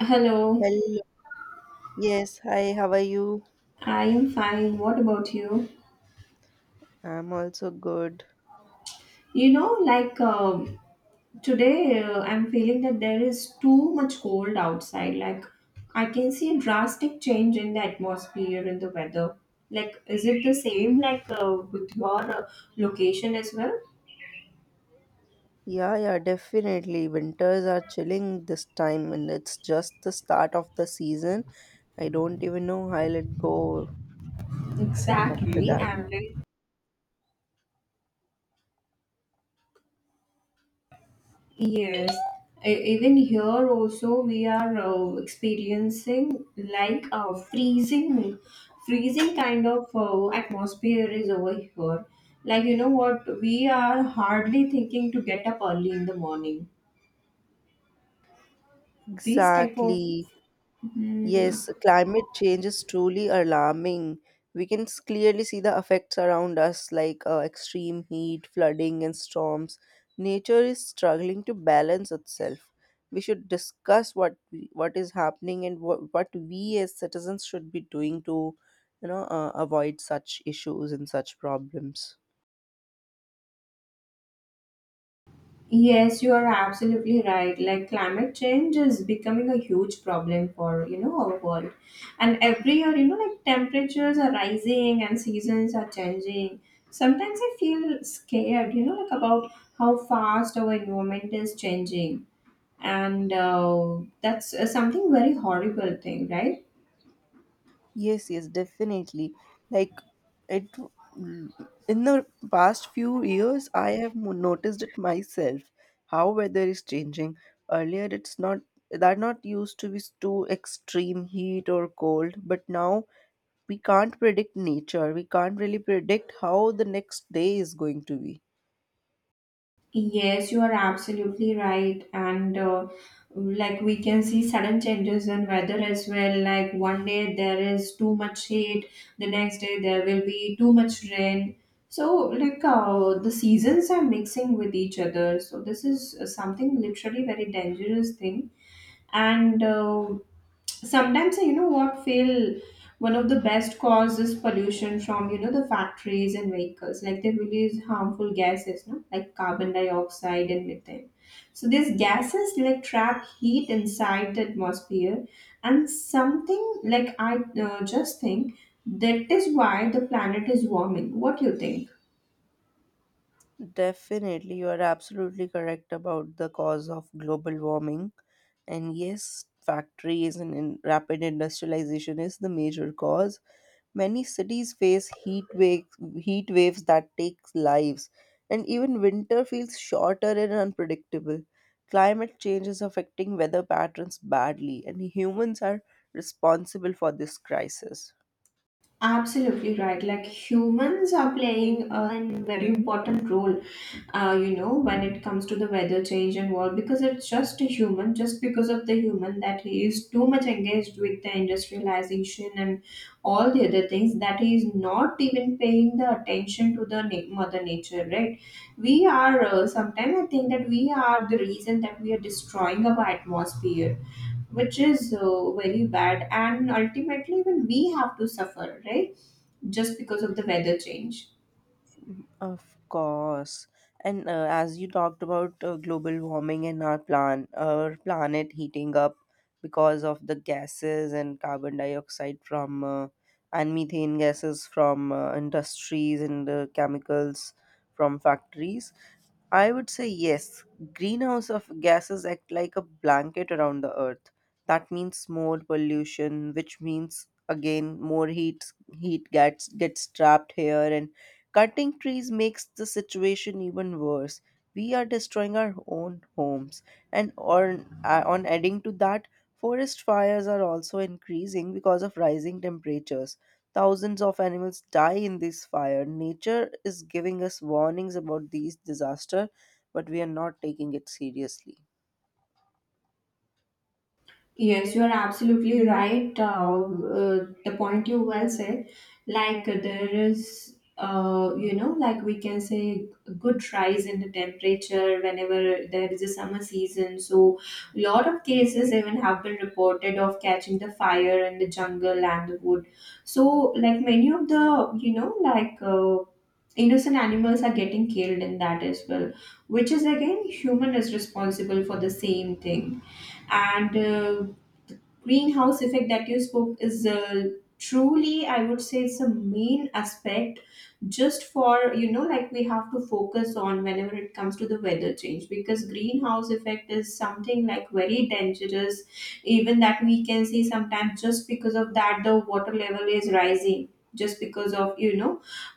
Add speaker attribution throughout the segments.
Speaker 1: Hello,
Speaker 2: Hello. Yes, hi, how are you?
Speaker 1: I am fine. What about you?
Speaker 2: I'm also good.
Speaker 1: Like today, I'm feeling that there is too much cold outside. Like, I can see a drastic change in the atmosphere, in the weather. Like, is it the same like with your location as well?
Speaker 2: Yeah, yeah, definitely. Winters are chilling this time and it's just the start of the season. I don't even know how I'll let go after
Speaker 1: Exactly.
Speaker 2: that.
Speaker 1: And like, yes, even here also we are experiencing like a freezing kind of atmosphere is over here. We are hardly thinking to get up early in the morning. This type of
Speaker 2: Exactly.
Speaker 1: mm,
Speaker 2: Yes, climate change is truly alarming. We can clearly see the effects around us, like extreme heat, flooding, and storms. Nature is struggling to balance itself. We should discuss what is happening and what we as citizens should be doing to, avoid such issues and such problems.
Speaker 1: yes, you are absolutely right. Like climate change is becoming a huge problem for our world. And every year, like temperatures are rising and seasons are changing. Sometimes I feel scared, like about how fast our environment is changing. And that's something very horrible thing, right?
Speaker 2: Yes, yes, definitely. Like it mm, in the past few years, I have noticed it myself how weather is changing. Earlier, it's not used to be too extreme heat or cold, but now we can't predict nature. We can't really predict how the next day is going to be.
Speaker 1: Yes, you are absolutely right. And like we can see sudden changes in weather as well. Like one day there is too much heat, the next day there will be too much rain. So, like the seasons are mixing with each other. So, this is something literally very dangerous thing. And so sometimes I, you know what, feel one of the best causes pollution from, you know, the factories and vehicles, like they release harmful gases, no, like carbon dioxide and methane. So these gases like trap heat inside the atmosphere, and something like I just think that is why the planet is warming. What do you think?
Speaker 2: Definitely, you are absolutely correct about the cause of global warming. And yes, factories and in rapid industrialization is the major cause. Many cities face heat waves that takes lives, and even winter feels shorter and unpredictable. Climate change is affecting weather patterns badly, and humans are responsible for this crisis.
Speaker 1: Absolutely right. Like humans are playing a very important role, you know, when it comes to the weather change and all, because it's just a human, just because of the human that he is too much engaged with the industrialization and all the other things, that he is not even paying the attention to the mother nature, right? We are sometimes I think that we are the reason that we are destroying our atmosphere, which is very bad, and ultimately, even we have to suffer, right? Just because of the weather change.
Speaker 2: Of course. And as you talked about global warming and our planet heating up because of the gases and carbon dioxide from and methane gases from industries and chemicals from factories, I would say yes. Greenhouse of gases act like a blanket around the earth. That means more pollution, which means again more heat gets trapped here and cutting trees makes the situation even worse. We are destroying our own homes. And on adding to that, forest fires are also increasing because of rising temperatures. Thousands of animals die in this fire. Nature is giving us warnings about these disaster, but we are not taking it seriously.
Speaker 1: Yes, you are absolutely right. The point you well said, like there is, like, we can say a good rise in the temperature whenever there is a summer season. So, a lot of cases even have been reported of catching the fire in the jungle and the wood. So, like many of the innocent animals are getting killed in that as well, which is again human is responsible for the same thing. And greenhouse effect that you spoke is truly, I would say, it's a main aspect just for, you know, like we have to focus on whenever it comes to the weather change, because greenhouse effect is something like very dangerous. Even that we can see sometimes, just because of that the water level is rising, just because of, you know,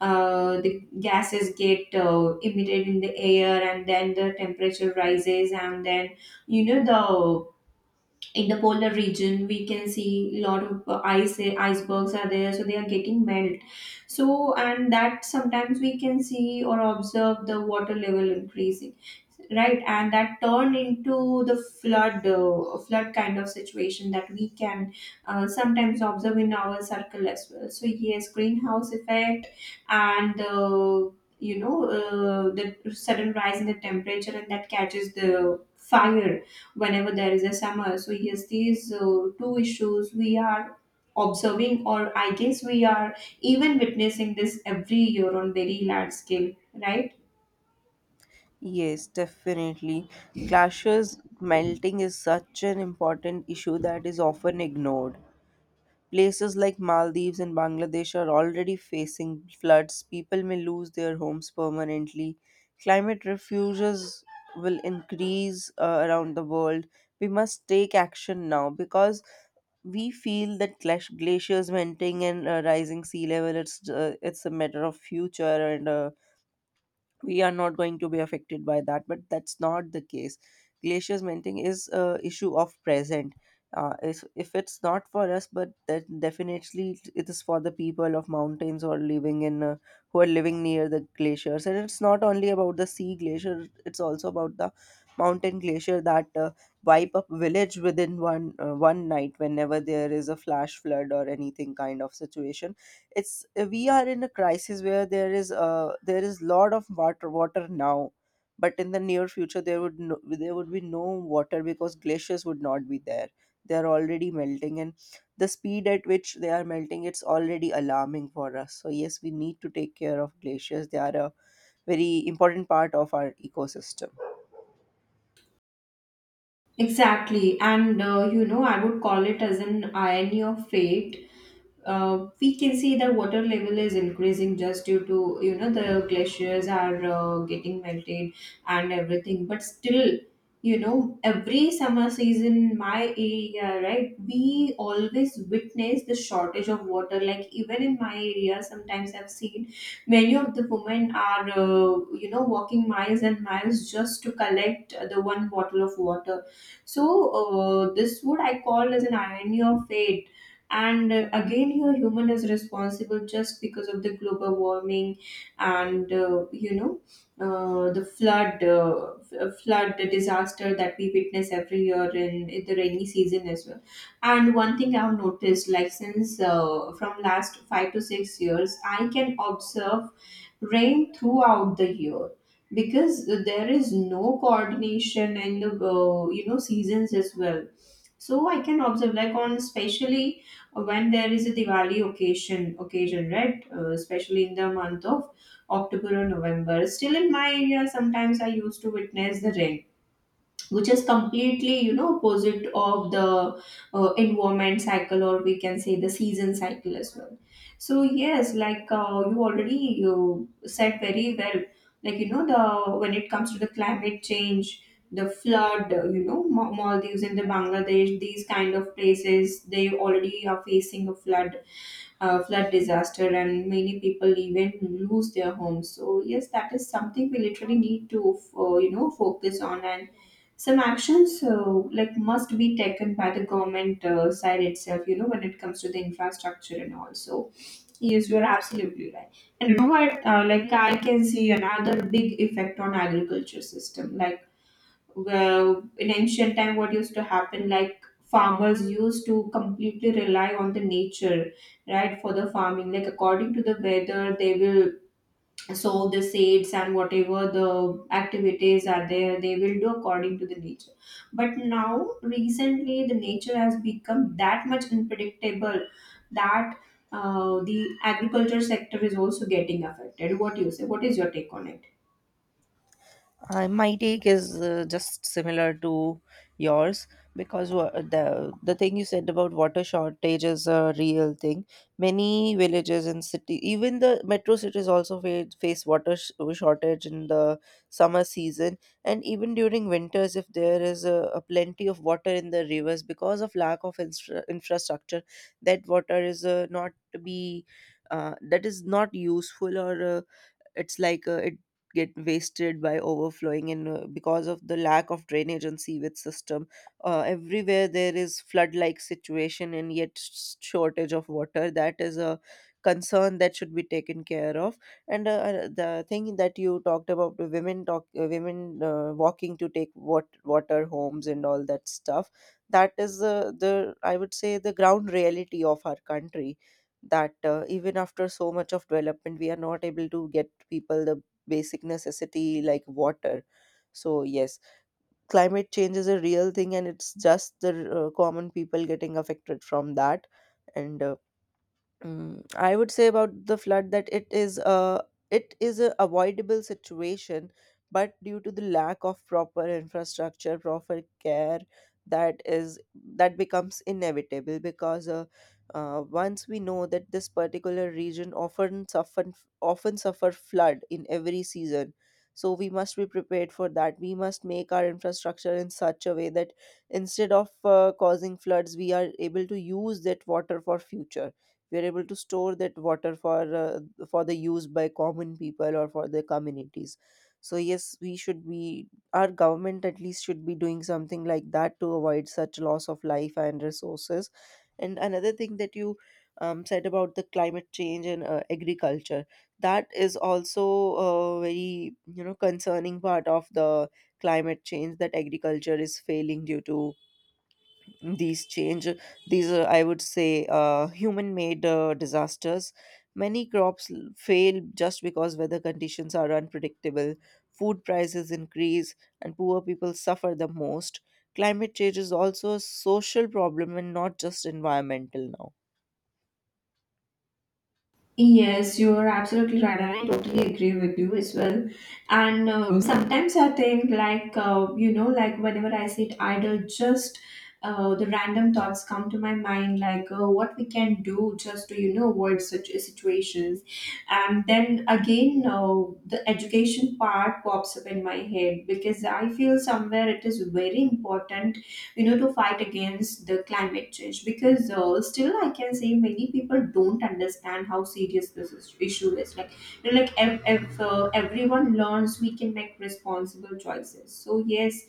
Speaker 1: the gases get emitted in the air and then the temperature rises, and then you know, in the polar region we can see a lot of icebergs are there, so they are getting melt. So and that sometimes we can see or observe the water level increasing, right, and that turn into the flood kind of situation that we can sometimes observe in our circle as well. So yes, greenhouse effect and the sudden rise in the temperature, and that catches the fire whenever there is a summer. So yes, these two issues we are observing, or I guess we are even witnessing this every year on very large scale, right?
Speaker 2: Yes, definitely. Glaciers melting is such an important issue that is often ignored. Places like Maldives and Bangladesh are already facing floods. People may lose their homes permanently. Climate refuges will increase around the world. We must take action now because we feel that glaciers melting and rising sea level it's a matter of future and we are not going to be affected by that, but that's not the case. Glaciers melting is a issue of present. If it's not for us, but that definitely it is for the people of mountains or living in who are living near the glaciers. And it's not only about the sea glacier, it's also about the mountain glacier that wipe up village within one night whenever there is a flash flood or anything kind of situation. It's We are in a crisis where there is lot of water now, but in the near future there would be no water because glaciers would not be there. They are already melting, and the speed at which they are melting, it's already alarming for us. So yes, we need to take care of glaciers. They are a very important part of our ecosystem.
Speaker 1: Exactly, and you know, I would call it as an irony of fate. We can see the water level is increasing just due to, you know, the glaciers are getting melted and everything, but still, you know, every summer season my area, right, we always witness the shortage of water. Like even in my area, sometimes I've seen many of the women are, you know, walking miles and miles just to collect the one bottle of water. So this would I call as an irony of fate. And again here human is responsible just because of the global warming and the flood disaster that we witness every year in the rainy season as well. And one thing I've noticed, like since from last 5 to 6 years I can observe rain throughout the year, because there is no coordination in the you know seasons as well. So I can observe, like, on, especially when there is a Diwali occasion, right? Especially in the month of October or November. Still in my area, sometimes I used to witness the rain, which is completely, you know, opposite of the environment cycle, or we can say the season cycle as well. So yes, like you already, you said very well, like, you know, the when it comes to the climate change, the flood you know, maldives and the bangladesh, these kind of places they already are facing a flood disaster, and many people even lose their homes. So yes, that is something we literally need to you know focus on, and some actions so like must be taken by the government side itself, you know, when it comes to the infrastructure and also, yes, you're absolutely right. And you know what, like I can see another big effect on agriculture system, like, well, in ancient time what used to happen, like farmers used to completely rely on the nature, right, for the farming. Like according to the weather they will, so the seeds and whatever the activities are there, they will do according to the nature. But now recently the nature has become that much unpredictable, that the agriculture sector is also getting affected. What do you say? What is your take on it?
Speaker 2: I, my take is just similar to yours because the thing you said about water shortage is a real thing. Many villages and city, even the metro cities, also face water shortage in the summer season and even during winters. If there is a plenty of water in the rivers because of lack of infrastructure, that water is not to be that is not useful, or it's like it get wasted by overflowing, and because of the lack of drainage and sewage system, everywhere there is flood like situation and yet shortage of water. That is a concern that should be taken care of. And the thing that you talked about the women walking to take water homes and all that stuff, that is the I would say the ground reality of our country, that even after so much of development we are not able to get people the basic necessity like water. So yes, climate change is a real thing, and it's just the common people getting affected from that. And I would say about the flood that it is a avoidable situation, but due to the lack of proper infrastructure, proper care, that is that becomes inevitable because once we know that this particular region often suffer flood in every season, so we must be prepared for that. We must make our infrastructure in such a way that instead of causing floods, we are able to use that water for future. We are able to store that water for the use by common people or for the communities. So yes, we should be, our government at least should be doing something like that to avoid such loss of life and resources. And another thing that you said about the climate change and agriculture, that is also a very you know concerning part of the climate change, that agriculture is failing due to these change. These are I would say human made disasters. Many crops fail just because weather conditions are unpredictable. Food prices increase and poor people suffer the most. Climate change is also a social problem and not just environmental now.
Speaker 1: Yes, you're absolutely right, and I totally agree with you as well. And sometimes I think, like, you know, like whenever I sit idle, just the random thoughts come to my mind, like what we can do just to, you know, avoid such situations. And then again, the education part pops up in my head, because I feel somewhere it is very important, you know, to fight against the climate change, because still I can say many people don't understand how issue is, like, you know, like if everyone learns we can make responsible choices. So yes,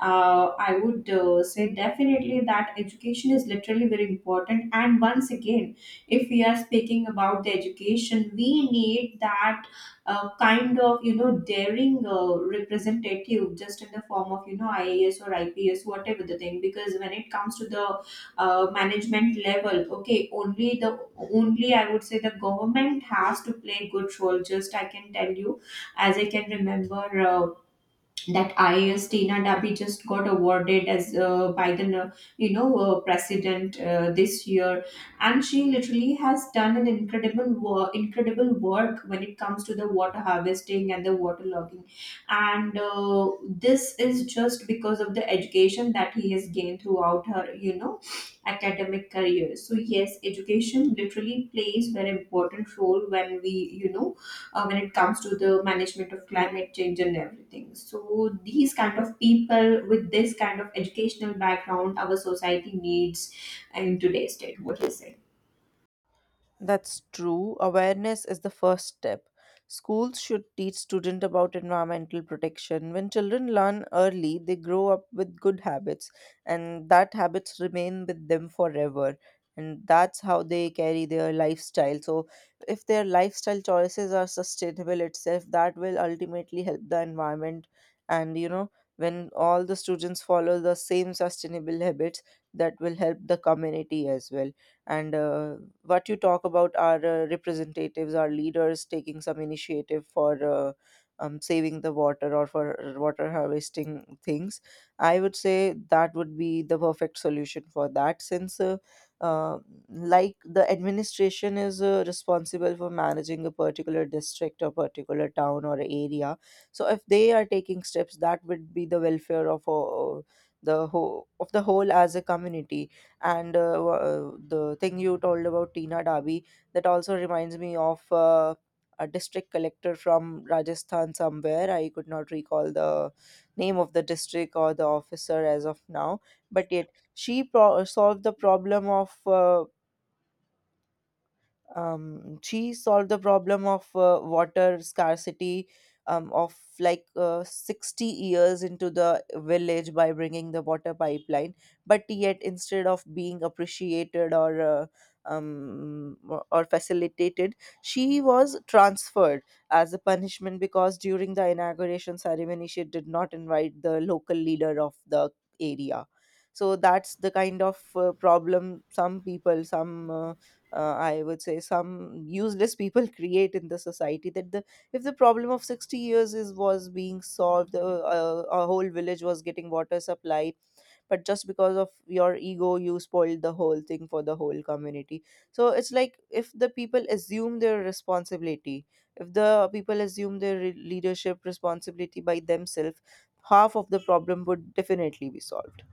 Speaker 1: I would say definitely that education is literally very important. And once again, if we are speaking about the education, we need that kind of, you know, daring representative, just in the form of, you know, IAS or IPS, whatever the thing, because when it comes to the management level, okay, only, I would say, the government has to play good role. Just I can tell you, as I can remember, that IAS Tina Dabi just got awarded as by the president this year, and she literally has done an incredible work when it comes to the water harvesting and the water logging. And this is just because of the education that he has gained throughout her, you know, academic career. So yes, education literally plays very important role when we, you know, when it comes to the management of climate change and everything. So these kind of people with this kind of educational background, our society needs in today's state. What do you say?
Speaker 2: That's true. Awareness is the first step. Schools should teach students about environmental protection. When children learn early, they grow up with good habits, and that habits remain with them forever. And that's how they carry their lifestyle. So, if their lifestyle choices are sustainable itself, that will ultimately help the environment. And you know, when all the students follow the same sustainable habits, that will help the community as well. And what you talk about are representatives, our leaders taking some initiative for saving the water or for water harvesting things, I would say that would be the perfect solution for that. Since uh, like the administration is responsible for managing a particular district or particular town or area, so if they are taking steps, that would be the welfare of the whole as a community. And the thing you told about Tina Dabi, that also reminds me of a district collector from Rajasthan somewhere. I could not recall the name of the district or the officer as of now, but yet she solved the problem of she solved the problem of water scarcity, of like 60 years into the village by bringing the water pipeline. But yet instead of being appreciated or or facilitated, she was transferred as a punishment because during the inauguration ceremony she did not invite the local leader of the area. So that's the kind of problem some people some I would say some useless people create in the society. That the if the problem of 60 years is was being solved, a whole village was getting water supply, but just because of your ego you spoiled the whole thing for the whole community. So it's like if the people assume their responsibility, if the people assume their leadership responsibility by themselves, half of the problem would definitely be solved.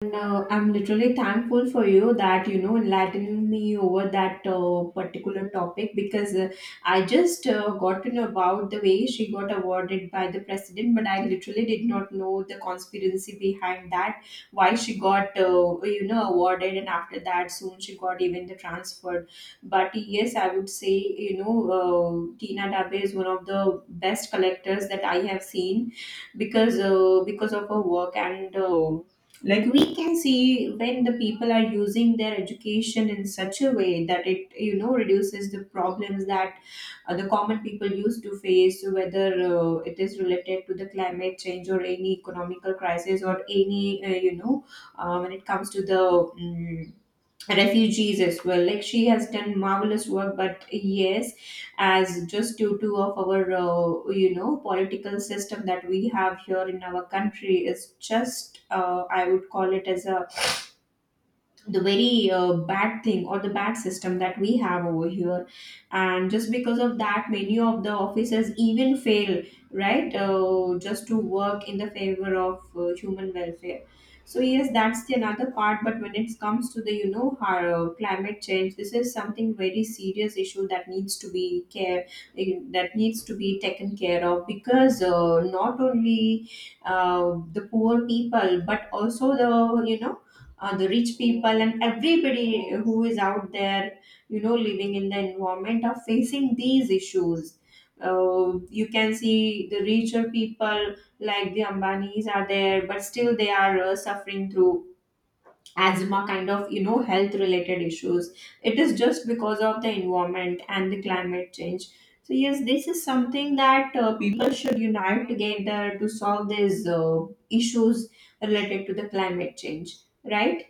Speaker 1: And I'm literally thankful for you that you know enlightened me over that particular topic, because I just got to know about the way she got awarded by the president, but I literally did not know the conspiracy behind that, why she got, you know, awarded, and after that soon she got even the transfer. But yes, I would say, you know, Tina Dabe is one of the best collectors that I have seen, because of her work. And. Like we can see, when the people are using their education in such a way that it, you know, reduces the problems that the common people used to face, whether it is related to the climate change or any economical crisis or any, when it comes to the mm, refugees as well. Like she has done marvelous work, but yes, as just due to of our, you know, political system that we have here in our country, is just I would call it as a the very bad thing or the bad system that we have over here. And just because of that many of the officers even fail, right, just to work in the favor of human welfare. So yes, that's the another part. But when it comes to the, you know, climate change, this is something very serious issue that needs to be that needs to be taken care of, because not only the poor people but also the, you know, the rich people and everybody who is out there, you know, living in the environment are facing these issues. You can see the richer people like the ambanis are there, but still they are suffering through asthma kind of, you know, health related issues. It is just because of the environment and the climate change. So yes, this is something that people should unite together to solve these issues related to the climate change, right?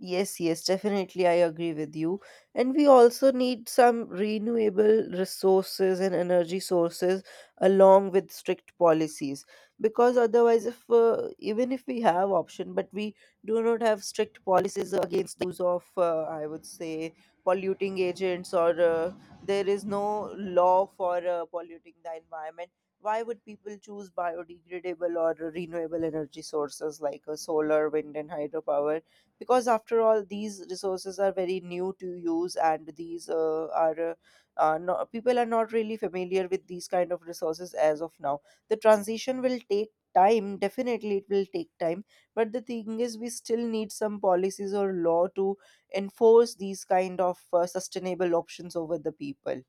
Speaker 2: Yes, yes, definitely. I agree with you. And we also need some renewable resources and energy sources along with strict policies. Because otherwise, if even if we have option, but we do not have strict policies against the use of, I would say, polluting agents, or there is no law for polluting the environment. Why would people choose biodegradable or renewable energy sources like solar, wind, and hydropower? Because after all these resources are very new to use, and these are no, people are not really familiar with these kind of resources as of now. The transition will take time, definitely it will take time. But the thing is we still need some policies or law to enforce these kind of sustainable options over the people.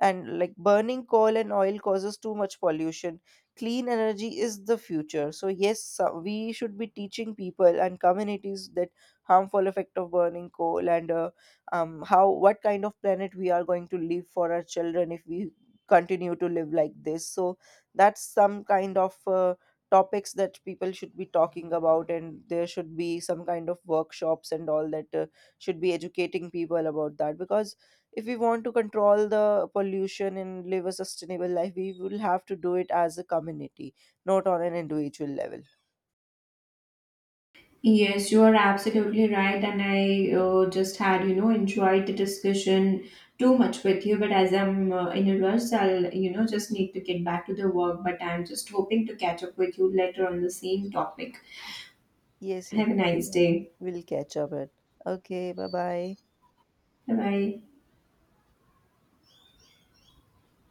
Speaker 2: And like burning coal and oil causes too much pollution. Clean energy is the future. So yes, we should be teaching people and communities that harmful effect of burning coal and how what kind of planet we are going to leave for our children if we continue to live like this. So that's some kind of topics that people should be talking about, and there should be some kind of workshops and all that should be educating people about that. Because if we want to control the pollution and live a sustainable life, we will have to do it as a community, not on an individual level.
Speaker 1: Yes, you are absolutely right, and I just had, you know, enjoyed the discussion too much with you. But as I'm in a rush, I'll, you know, just need to get back to the work. But I'm just hoping to catch up with you later on the same topic.
Speaker 2: Yes, yes,
Speaker 1: Have a nice
Speaker 2: definitely.
Speaker 1: day.
Speaker 2: We'll catch up it. Okay, bye bye.
Speaker 1: Bye bye.